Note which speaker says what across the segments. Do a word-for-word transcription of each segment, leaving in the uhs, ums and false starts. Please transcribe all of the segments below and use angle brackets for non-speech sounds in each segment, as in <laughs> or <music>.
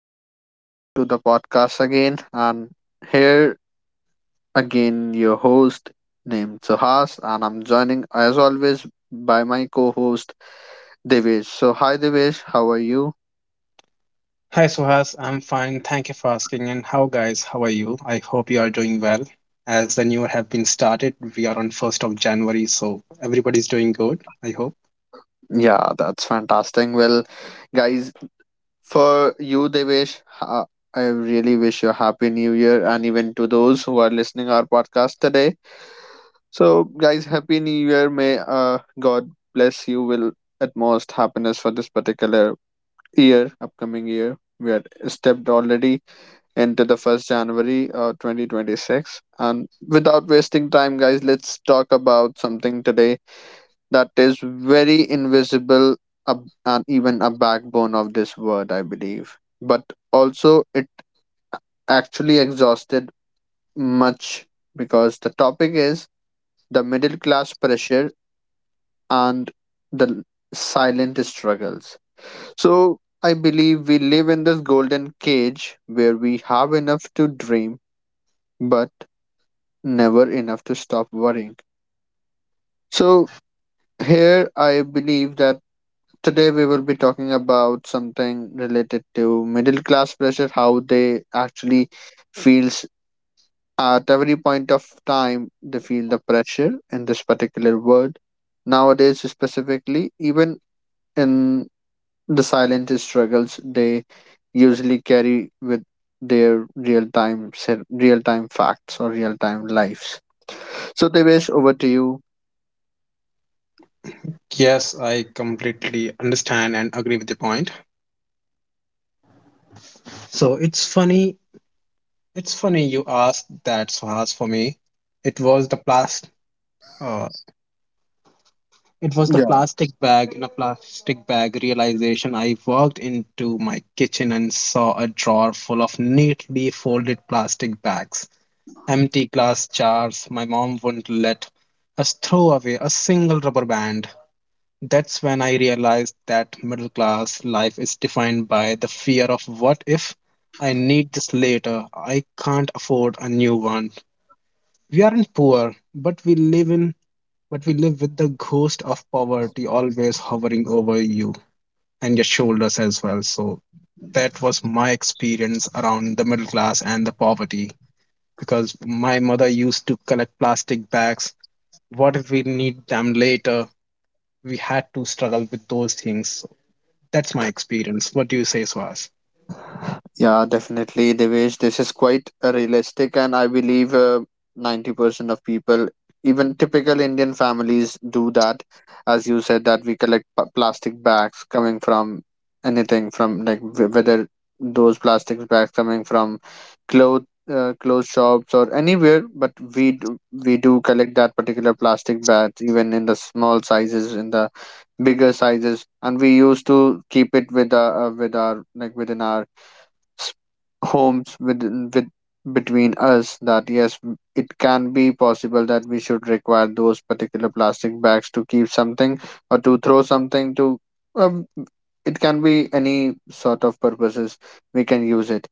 Speaker 1: welcome back to the podcast again. And here again, your host named Suhas, and I'm joining as always by my co host Devesh. So, hi Devesh, how are you?
Speaker 2: Hi Suhas, I'm fine. Thank you for asking. And how guys, how are you? I hope you are doing well. As the new year have been started, we are on first of January, so everybody's doing good, I hope.
Speaker 1: Yeah, that's fantastic. Well, guys, for you, Devesh, uh, I really wish you a happy new year and even to those who are listening our podcast today. So, guys, happy new year. May uh, God bless you will utmost happiness for this particular year, upcoming year, we had stepped already into the first January, uh, twenty twenty-six. And without wasting time, guys, let's talk about something today that is very invisible ab- and even a backbone of this world, I believe. But also, it actually exhausted much because the topic is the middle class pressure and the silent struggles. So I believe we live in this golden cage where we have enough to dream, but never enough to stop worrying. So here I believe that today we will be talking about something related to middle class pressure, how they actually feels at every point of time they feel the pressure in this particular world. Nowadays specifically, even in the silent struggles they usually carry with their real time real time facts or real time lives. So Devesh, over to you.
Speaker 2: Yes, I completely understand and agree with the point. So it's funny, it's funny you asked that Suhas. For me, it was the plastic uh, it was the plastic bag in a plastic bag realization. I walked into my kitchen and saw a drawer full of neatly folded plastic bags, empty glass jars. My mom wouldn't let us throw away a single rubber band. That's when I realized that middle class life is defined by the fear of what if I need this later, I can't afford a new one. We aren't poor, but we live in but we live with the ghost of poverty always hovering over you and your shoulders as well. So that was my experience around the middle class and the poverty, because my mother used to collect plastic bags. What if we need them later? We had to struggle with those things. So that's my experience. What do you say, Swaz?
Speaker 1: Yeah, definitely, Devesh. This is quite uh, realistic, and I believe uh, ninety percent of people, even typical Indian families, do that. As you said, that we collect p- plastic bags coming from anything, from like wh- whether those plastic bags coming from cloth, uh, clothes shops or anywhere, but we do, we do collect that particular plastic bags, even in the small sizes, in the bigger sizes, and we used to keep it with our, uh, with our like within our s- homes within with between us that yes it can be possible that we should require those particular plastic bags to keep something or to throw something to um, it can be any sort of purposes we can use it.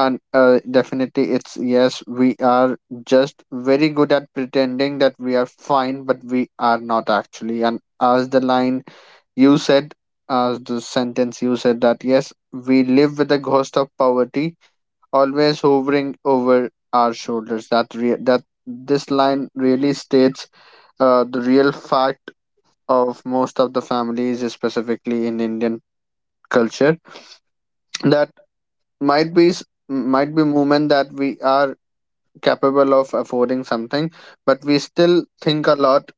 Speaker 1: And uh, definitely it's yes we are just very good at pretending that we are fine but we are not actually, and as the line you said, uh, the sentence you said that yes, we live with the ghost of poverty always hovering over our shoulders. That re- that this line really states uh, the real fact of most of the families, specifically in Indian culture, that might be s- might be moment that we are capable of affording something, but we still think a lot.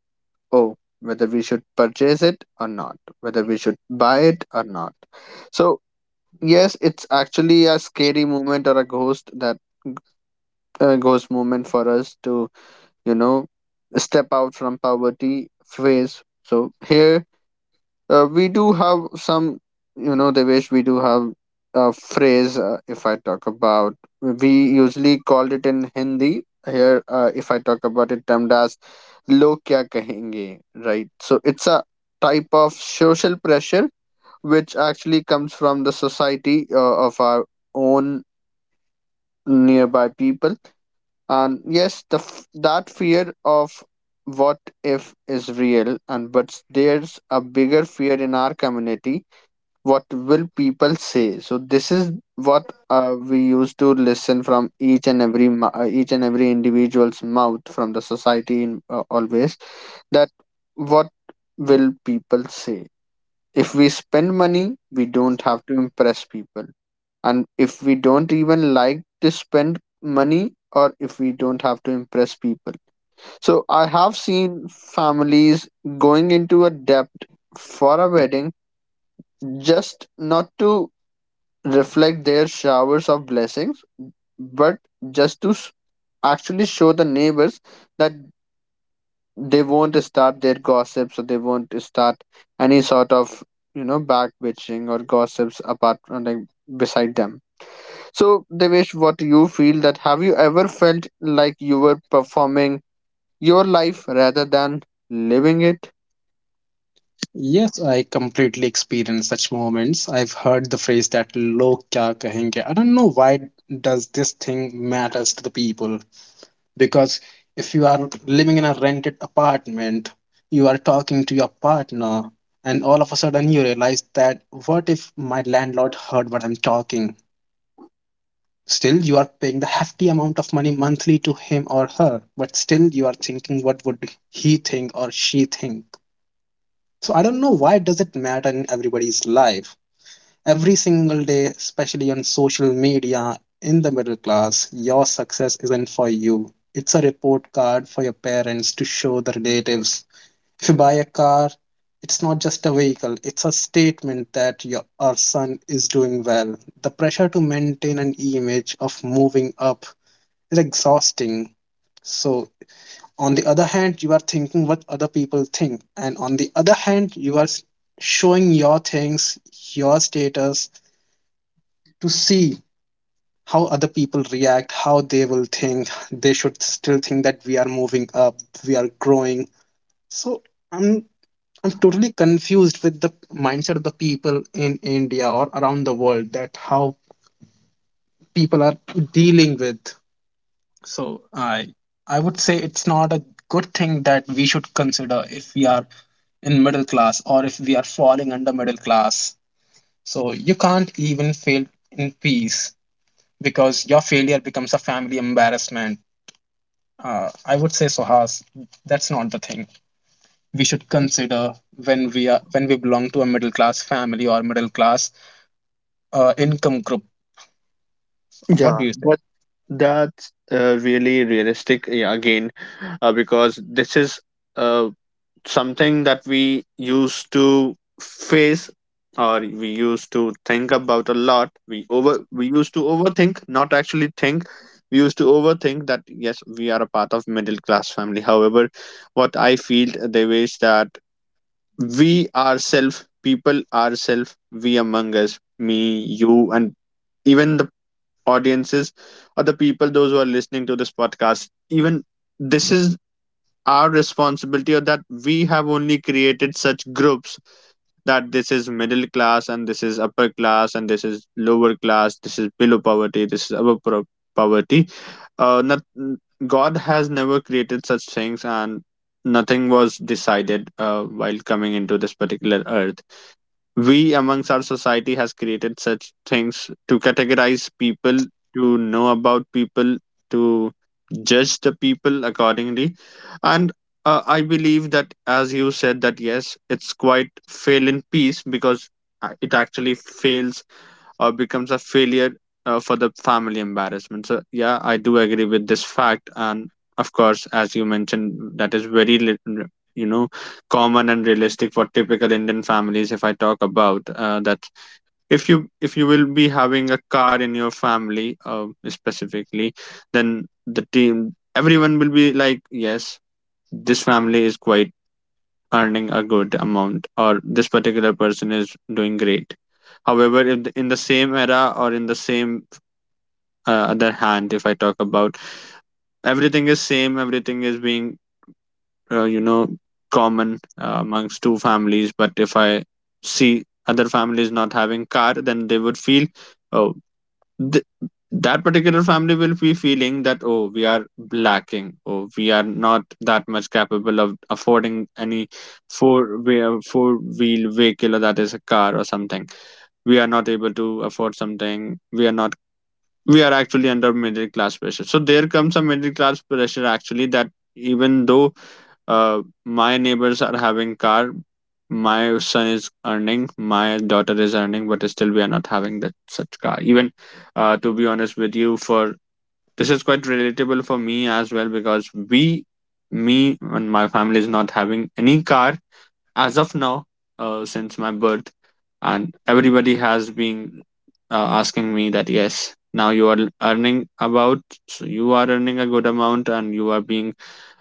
Speaker 1: Oh, whether we should purchase it or not, whether we should buy it or not. So yes, it's actually a scary moment or a ghost that uh, ghost moment for us to, you know, step out from poverty phase. So here uh, we do have some, you know, Devesh, we do have a phrase. Uh, if I talk about, we usually called it in Hindi. Here, uh, if I talk about it, termed as "log kya kahenge," right? So it's a type of social pressure which actually comes from the society uh, of our own nearby people. And yes, the f- that fear of what if is real, and but there's a bigger fear in our community: what will people say? So this is what uh, we used to listen from each and every mou- uh, each and every individual's mouth from the society in, uh, always, that what will people say if we spend money we don't have to impress people, and if we don't even like to spend money or if we don't have to impress people. So I have seen families going into a debt for a wedding just not to reflect their showers of blessings, but just to s- actually show the neighbors that they won't start their gossips or they won't start any sort of, you know, back bitching or gossips apart from like beside them. So, Devesh, what you feel that have you ever felt like you were performing your life rather than living it?
Speaker 2: Yes, I completely experienced such moments. I've heard the phrase that log kya kahenge. I don't know why does this thing matters to the people, because if you are living in a rented apartment, you are talking to your partner and all of a sudden you realize that what if my landlord heard what I'm talking? Still, you are paying the hefty amount of money monthly to him or her, but still you are thinking what would he think or she think. So I don't know why does it matter in everybody's life. Every single day, especially on social media, in the middle class, your success isn't for you. It's a report card for your parents to show the relatives. If you buy a car, it's not just a vehicle, it's a statement that your our son is doing well. The pressure to maintain an image of moving up is exhausting. So, on the other hand, you are thinking what other people think, and on the other hand, you are showing your things, your status, to see how other people react, how they will think. They should still think that we are moving up, we are growing. So, I'm I'm totally confused with the mindset of the people in India or around the world that how people are dealing with. So I I would say it's not a good thing that we should consider if we are in middle class or if we are falling under middle class. So you can't even fail in peace, because your failure becomes a family embarrassment. Uh, I would say Sohas, that's not the thing we should consider when we are when we belong to a middle class family or middle class uh, income group. What
Speaker 1: Yeah,
Speaker 2: do you say?
Speaker 1: but that's uh, really realistic, yeah, again, uh, because this is uh, something that we used to face or we used to think about a lot. We over we used to overthink, not actually think. We used to overthink that yes, we are a part of middle class family. However, what I feel, Devesh, that we ourselves, people ourselves, we among us, me, you, and even the audiences or the people, those who are listening to this podcast, even this is our responsibility or that we have only created such groups, that this is middle class and this is upper class and this is lower class, this is below poverty, this is above pro- poverty. Uh, not, god has never created such things, and nothing was decided uh, while coming into this particular earth. We amongst our society has created such things to categorize people, to know about people, to judge the people accordingly. And uh, I believe that, as you said, that yes, it's quite fail in peace because uh, it actually fails or becomes a failure uh, for the family embarrassment. So, yeah, I do agree with this fact. And of course, as you mentioned, that is very, li- r- you know, common and realistic for typical Indian families. If I talk about uh, that, if you if you will be having a car in your family uh, specifically, then the team everyone will be like, yes, this family is quite earning a good amount, or this particular person is doing great. However, if the- in the same era or in the same uh, other hand, if I talk about everything is same, everything is being uh, you know common uh, amongst two families. But if I see other families not having car, then they would feel oh th- that particular family will be feeling that oh we are lacking, oh we are not that much capable of affording any four wheel four wheel vehicle, or that is a car or something, we are not able to afford something, we are not, we are actually under middle class pressure. So there comes a middle class pressure actually that even though uh, my neighbors are having car, my son is earning, my daughter is earning, but still we are not having that such car. Even uh, to be honest with you, for this is quite relatable for me as well because we, me and my family is not having any car as of now uh, since my birth, and everybody has been uh, asking me that yes now you are earning about, so you are earning a good amount and you are being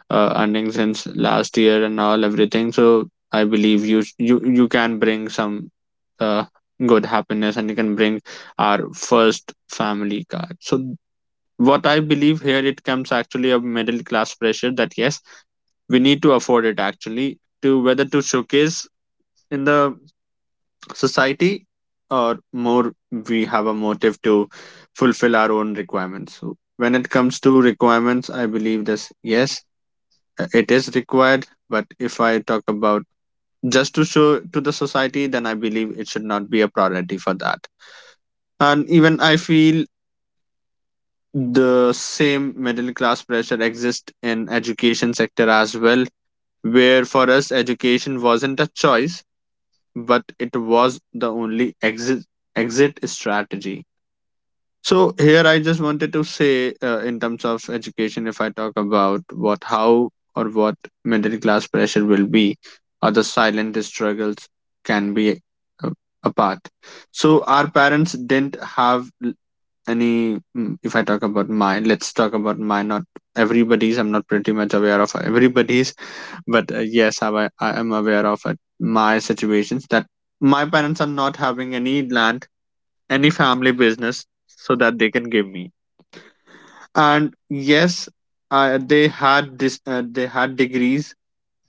Speaker 1: uh, earning since last year and all everything. So I believe you sh- you you can bring some uh, good happiness and you can bring our first family car. So what I believe, here it comes actually a middle class pressure that yes we need to afford it actually, to whether to showcase in the society, or more we have a motive to fulfill our own requirements. So when it comes to requirements I believe this yes uh, it is required, but if I talk about just to show to the society, then I believe it should not be a priority for that. And even I feel the same middle class pressure exists in education sector as well, where for us education wasn't a choice but it was the only exit exit strategy. So here I just wanted to say uh, in terms of education if I talk about what how or what middle class pressure will be or the silent struggles can be, uh, apart. So our parents didn't have l- any mm, if I talk about mine, let's talk about mine, not everybody's, I'm not pretty much aware of everybody's, but uh, yes I, wa- I am aware of it, my situations, that my parents are not having any land, any family business so that they can give me. And yes I, they had this uh, they had degrees,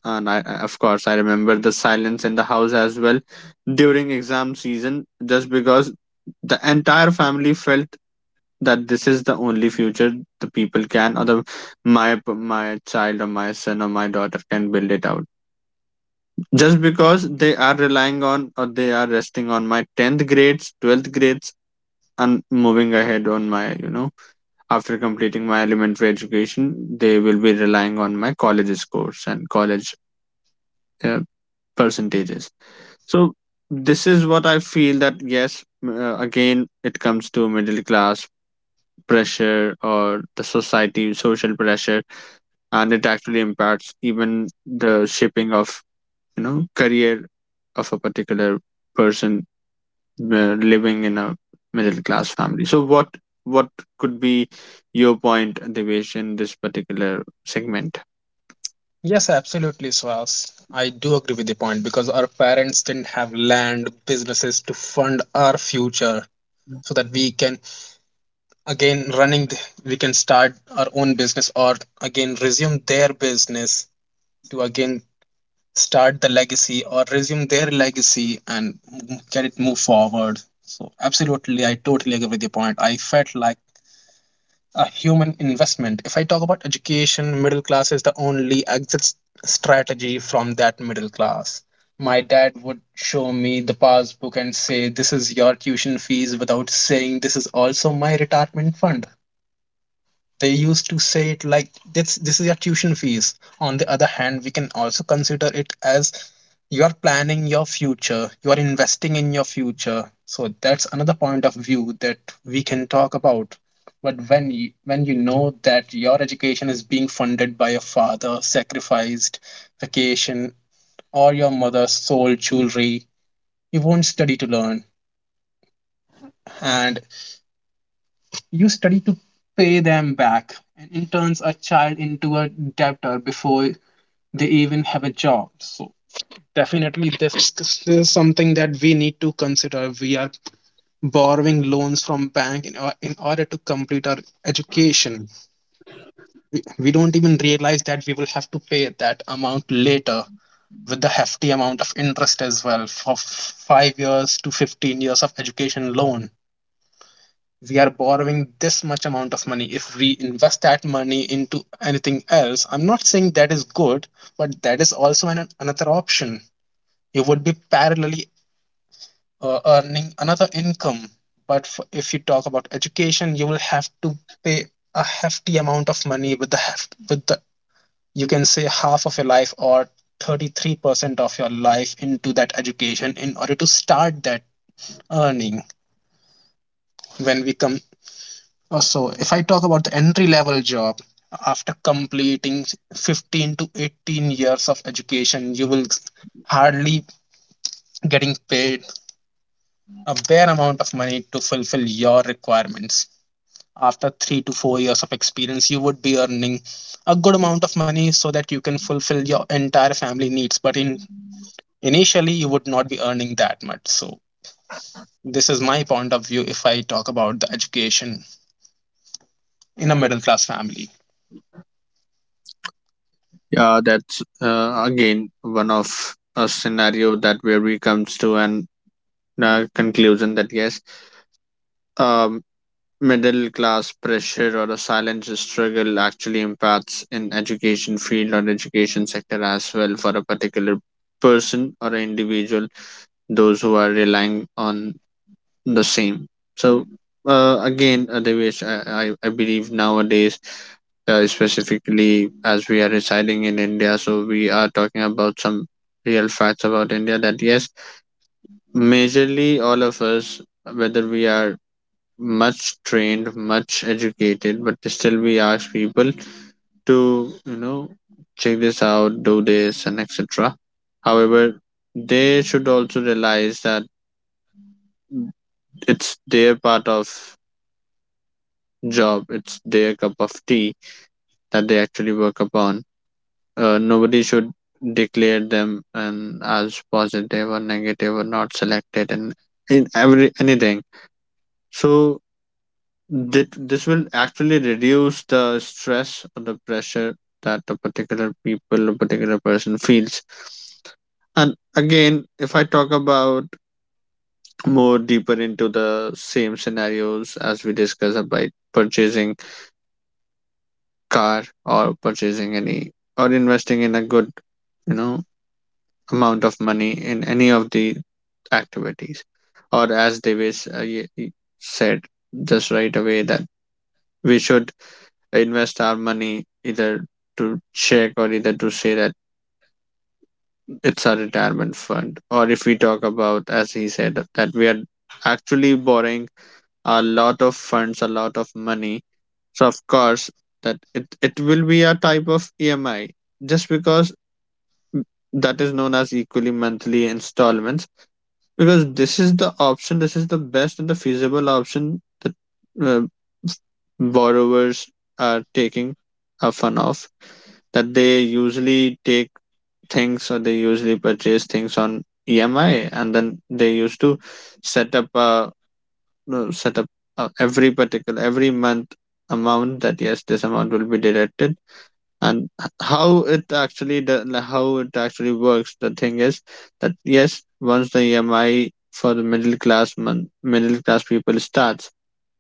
Speaker 1: and I, I of course I remember the silence in the house as well during exam season just because the entire family felt that this is the only future the people can, or the my my child or my son or my daughter can build it out, just because they are relying on or they are resting on my tenth grades, twelfth grades, and moving ahead on my, you know, after completing my elementary education, they will be relying on my college scores and college uh, percentages. So this is what I feel that yes uh, again it comes to middle class pressure or the society social pressure, and it actually impacts even the shaping of, you know, career of a particular person uh, living in a middle class family. So what what could be your point, Devesh, in this particular segment?
Speaker 2: Yes, absolutely, Swaz. I do agree with the point, because our parents didn't have land, businesses to fund our future so that we can again running th- we can start our own business or again resume their business to again start the legacy or resume their legacy and m- get it move forward. So absolutely, I totally agree with the point. I felt like a human investment. If I talk about education, middle class is the only exit strategy from that middle class. My dad would show me the passbook and say, "This is your tuition fees," without saying, "This is also my retirement fund." They used to say it like this this is your tuition fees. On the other hand, we can also consider it as you are planning your future, you are investing in your future. So that's another point of view that we can talk about. But when you, when you know that your education is being funded by your father sacrificed vacation or your mother's sold jewelry, you won't study to learn. And you study to pay them back, and it turns a child into a debtor before they even have a job. So definitely this is something that we need to consider. We are borrowing loans from bank in, or- in order to complete our education. We, we don't even realize that we will have to pay that amount later with the hefty amount of interest as well. For five years to fifteen years of education loan we are borrowing this much amount of money. If we invest that money into anything else, I'm not saying that is good, but that is also an, another option. You would be parallelly uh, earning another income. But f If you talk about education, you will have to pay a hefty amount of money with the with the you can say half of your life or thirty-three percent of your life into that education in order to start that earning. When we come, Uh, So, if I talk about the entry level job, after completing fifteen to eighteen years of education, you will hardly getting paid a bare amount of money to fulfill your requirements. After three to four years of experience, you would be earning a good amount of money so that you can fulfill your entire family needs. But in initially, you would not be earning that much. So, this is my point of view if I talk about the education in a middle class family.
Speaker 1: Yeah, that's uh, again one of a scenario that where we comes to an uh, conclusion that yes, um, middle class pressure or a silent struggle actually impacts in education field or education sector as well for a particular person or an individual those who are relying on the same. So uh, again, uh, Devesh, I, I, I believe nowadays, uh, specifically as we are residing in india, so we are talking about some real facts about india that yes, majorly all of us, whether we are much trained, much educated, but still we ask people to, you know, check this out, do this, and etc. However, they should also realize that it's their part of job, it's their cup of tea that they actually work upon. Uh, nobody should declare them and as positive or negative or not selected and in every anything. So that this will actually reduce the stress or the pressure that a particular people, a particular person feels. And again, if I talk about more deeper into the same scenarios, as we discussed about purchasing car or purchasing any or investing in a good, you know, amount of money in any of the activities, or as Devesh uh, y- y- said just right away that we should invest our money either to check or either to say that it's a retirement fund, or if we talk about, as he said, that we are actually borrowing a lot of funds, a lot of money. So of course that it, it will be a type of emi just because that is known as equally monthly installments, because this is the option, this is the best and the feasible option that uh, borrowers are taking a fun of, that they usually take things or they usually purchase things on E M I, and then they used to set up a, no, set up uh, every particular every month amount that yes, this amount will be deducted. And h- how it actually, the like, how it actually works, the thing is that yes, once the emi for the middle class man, middle class people starts,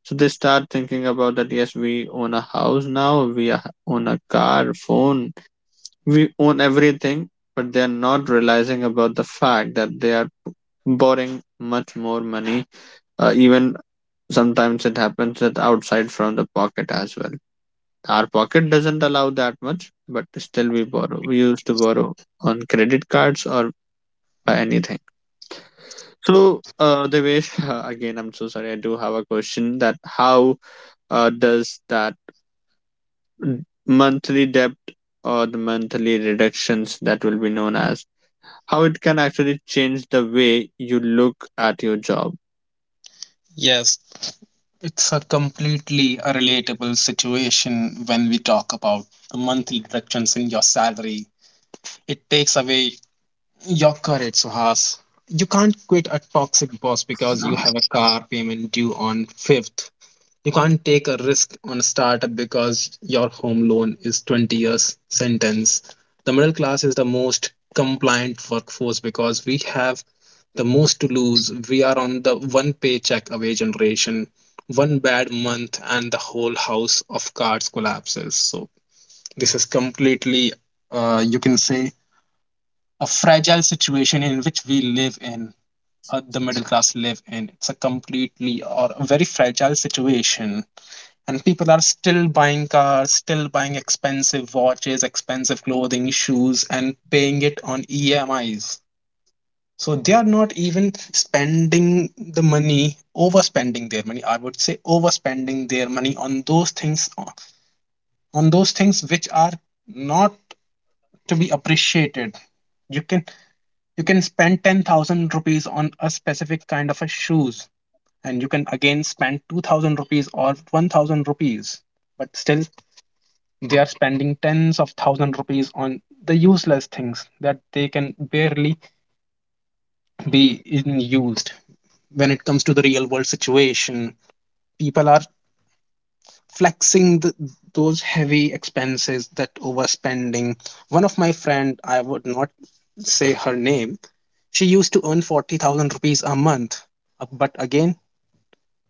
Speaker 1: so they start thinking about that yes, we own a house now, we a- own a car phone, we own everything, but they are not realizing about the fact that they are borrowing much more money. Uh, even sometimes it happens that outside from the pocket as well, our pocket doesn't allow that much, but still we borrow. We used to borrow on credit cards or buy anything. So, uh, Devesh, <laughs> again, I'm so sorry. I do have a question that how uh, does that monthly debt or the monthly reductions that will be known as, how it can actually change the way you look at your job?
Speaker 2: Yes, it's a completely a relatable situation when we talk about monthly reductions in your salary. It takes away your courage, Suhas. You can't quit a toxic boss because you have a car payment due on fifth. You can't take a risk on a startup because your home loan is twenty years sentence. The middle class is the most compliant workforce because we have the most to lose. We are on the one paycheck away generation. One bad month and the whole house of cards collapses. So this is completely, uh, you can say, a fragile situation in which we live in, uh, the middle class live in. It's a completely or a very fragile situation, and people are still buying cars, still buying expensive watches, expensive clothing, shoes, and paying it on E M Is. So they are not even spending the money, overspending their money. I would say overspending their money on those things, on those things which are not to be appreciated. You can you can spend ten thousand rupees on a specific kind of a shoes, and you can again spend two thousand rupees or one thousand rupees, but still they are spending tens of thousand rupees on the useless things that they can barely be in used. When it comes to the real world situation, people are flexing the, those heavy expenses that overspending. One of my friend, I would not say her name, she used to earn forty thousand rupees a month. Uh, But again,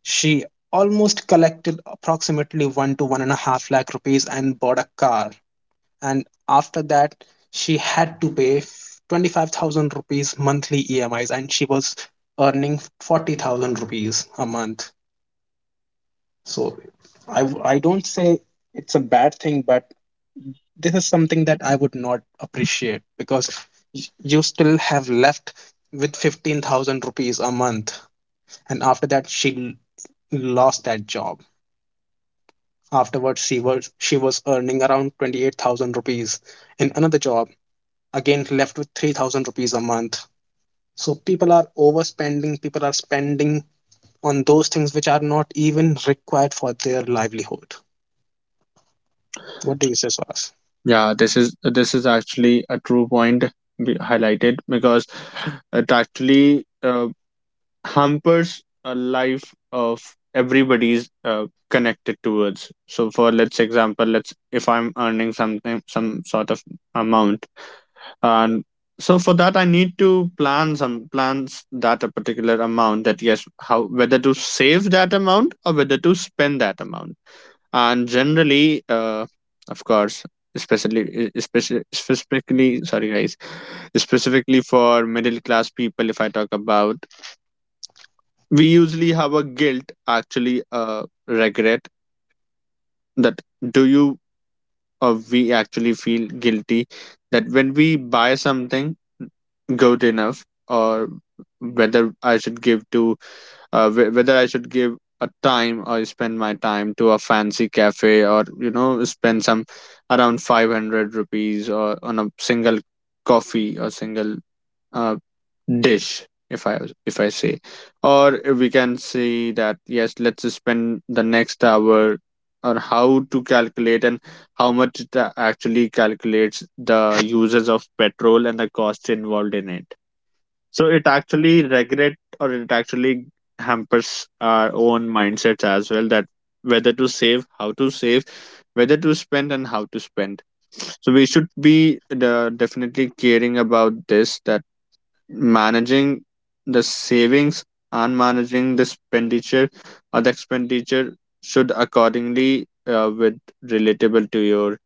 Speaker 2: she almost collected approximately one to one and a half lakh rupees and bought a car. And after that, she had to pay twenty-five thousand rupees monthly emis, and she was earning forty thousand rupees a month. So I I w- I don't say it's a bad thing, but this is something that I would not appreciate, because y- you still have left with fifteen thousand rupees a month. And after that she l- lost that job. Afterwards, she was she was earning around twenty-eight thousand rupees in another job, again left with three thousand rupees a month. So people are overspending, people are spending on those things which are not even required for their livelihood. What do you say, Swaraj?
Speaker 1: Yeah, this is this is actually a true point, be highlighted because it actually uh, hampers a life of everybody's uh, connected towards. So for let's example, let's if I'm earning something, some sort of amount, and so for that I need to plan some plans that a particular amount, that yes, how, whether to save that amount or whether to spend that amount. And generally uh, of course, especially especially specifically, sorry guys, specifically for middle class people if I talk about, we usually have a guilt, actually, uh, regret, that do you, or we actually feel guilty that when we buy something good enough, or whether I should give to uh, whe- whether I should give a time or spend my time to a fancy cafe, or you know, spend some around five hundred rupees or on a single coffee or single uh, dish. If i, if I say, or we can say that yes, let's spend the next hour on how to calculate and how much it a- actually calculates the uses of petrol and the cost involved in it. So it actually regret, or it actually hampers our own mindsets as well, that whether to save, how to save, whether to spend and how to spend. So we should be the, definitely caring about this, that managing the savings and managing the expenditure, or the expenditure should accordingly, uh, with relatable to your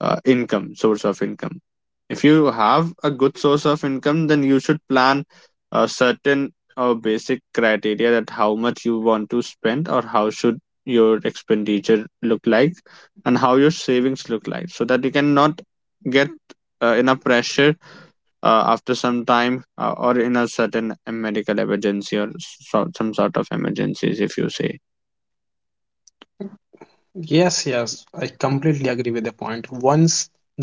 Speaker 1: uh, income, source of income. If you have a good source of income, then you should plan a certain uh, basic criteria that how much you want to spend or how should your expenditure look like and how your savings look like, so that you cannot get uh, enough pressure uh, after some time, uh, or in a certain medical emergency, or so, some sort of emergencies if you say.
Speaker 2: Yes, yes, I completely agree with the point. Once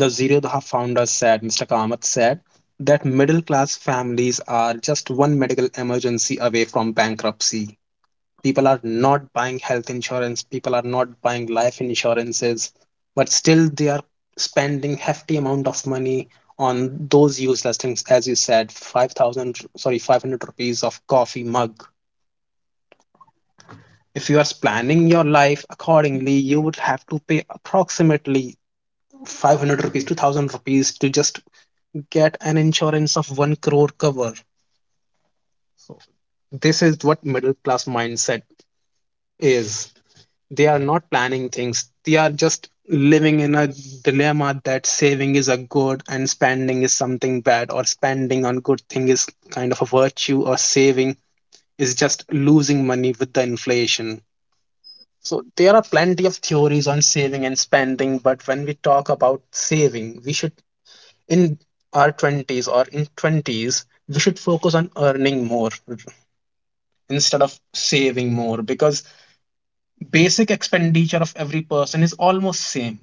Speaker 2: the zerodha founder said, Mr. Kamath said, that middle class families are just one medical emergency away from bankruptcy. People are not buying health insurance, people are not buying life insurances, but still they are spending hefty amount of money on those useless things. As you said, five thousand, sorry, five hundred rupees of coffee mug. If you are planning your life accordingly, you would have to pay approximately five hundred rupees two thousand rupees to just get an insurance of one crore cover. So this is what middle class mindset is. They are not planning things. They are just living in a dilemma that saving is a good and spending is something bad, or spending on good thing is kind of a virtue, or saving is just losing money with the inflation. So there are plenty of theories on saving and spending, but when we talk about saving, we should in our twenties or in twenties, we should focus on earning more instead of saving more, because basic expenditure of every person is almost same.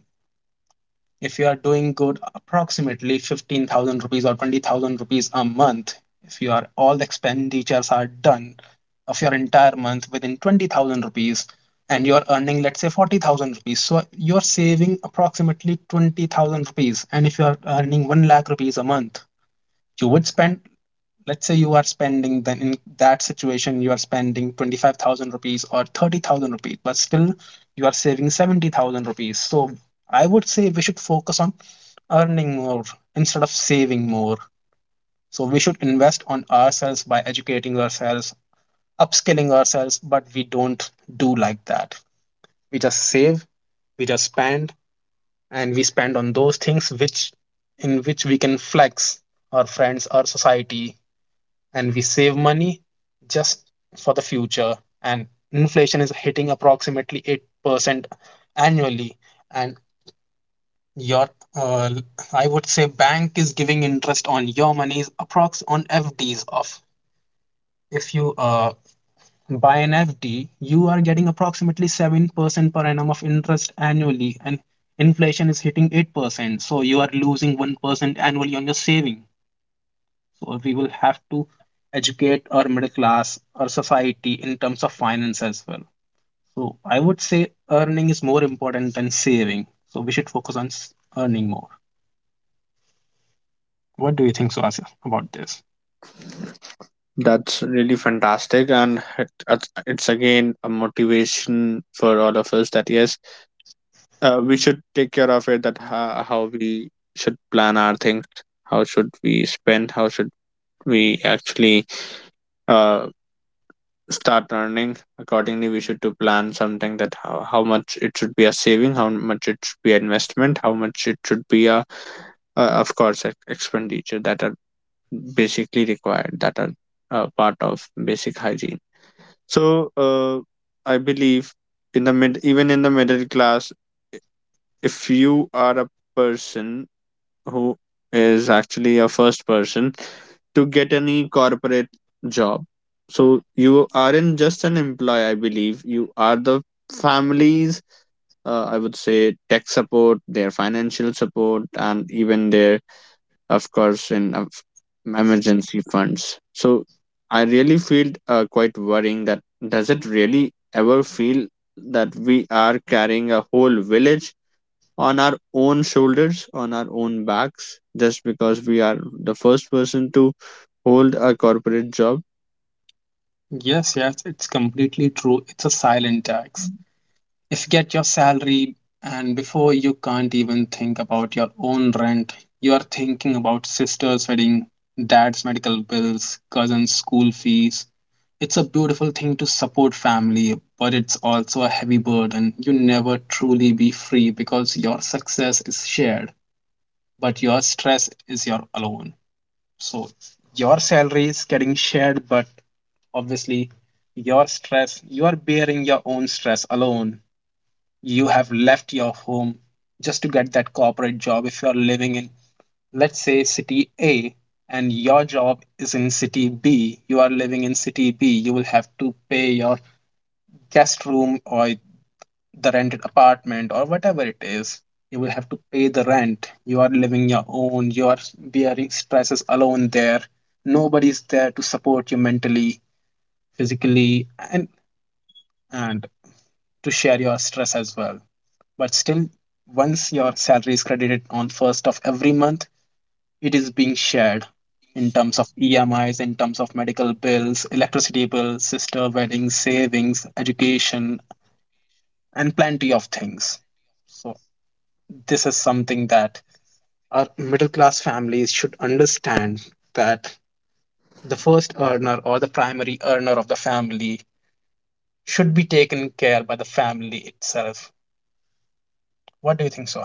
Speaker 2: If you are doing good approximately fifteen thousand rupees or twenty thousand rupees a month, if you are all the expenditures are done of your entire month within twenty thousand rupees, and you are earning let's say forty thousand rupees, so you're saving approximately twenty thousand rupees. And if you are earning one lakh rupees a month, you would spend, let's say you are spending, then in that situation you are spending twenty-five thousand rupees or thirty thousand rupees, but still you are saving seventy thousand rupees. So I would say we should focus on earning more instead of saving more. So we should invest on ourselves by educating ourselves, upskilling ourselves, but we don't do like that. We just save, we just spend, and we spend on those things which in which we can flex our friends, our society, and we save money just for the future. And inflation is hitting approximately eight percent annually. And your, uh, I would say, bank is giving interest on your monies approx on F Ds of if you uh, buy an F D, you are getting approximately seven percent per annum of interest annually, and inflation is hitting eight percent. So you are losing one percent annually on your saving. So we will have to educate our middle class, our society in terms of finance as well. So I would say earning is more important than saving. So we should focus on s- earning more. What do you think, Suhasya, about this?
Speaker 1: That's really fantastic, and it, it's it's again a motivation for all of us that yes, uh, we should take care of it, that how, how we should plan our things, how should we spend, how should we actually uh, start earning accordingly. We should to plan something, that how, how much it should be a saving, how much it should be an investment, how much it should be a uh, of course ex- expenditure, that are basically required, that are uh, part of basic hygiene. So uh, I believe in the mid, even in the middle class, i- if you are a person who is actually a first person to get any corporate job. So you aren't just an employee, I believe. You are the families, uh, I would say, tech support, their financial support, and even their, of course, in of emergency funds. So I really feel uh, quite worrying that does it really ever feel that we are carrying a whole village on our own shoulders, on our own backs, just because we are the first person to hold a corporate job.
Speaker 2: Yes, yes, it's completely true. It's a silent tax. If you get your salary and before you can't even think about your own rent, you are thinking about sister's wedding, dad's medical bills, cousin's school fees. It's a beautiful thing to support family, but it's also a heavy burden. You never truly be free because your success is shared, but your stress is your alone. So your salary is getting shared, but obviously your stress, you are bearing your own stress alone. You have left your home just to get that corporate job. If you're living in, let's say city A, and your job is in city B, you are living in city B, you will have to pay your guest room or the rented apartment, or whatever it is, you will have to pay the rent. You are living your own, you are bearing stresses alone there. Nobody's there to support you mentally, physically, and and to share your stress as well. But still, once your salary is credited on first of every month, it is being shared in terms of emis, in terms of medical bills, electricity bills, sister weddings, savings, education, and plenty of things. So this is something that our middle class families should understand, that the first earner or the primary earner of the family should be taken care by the family itself. What do you think so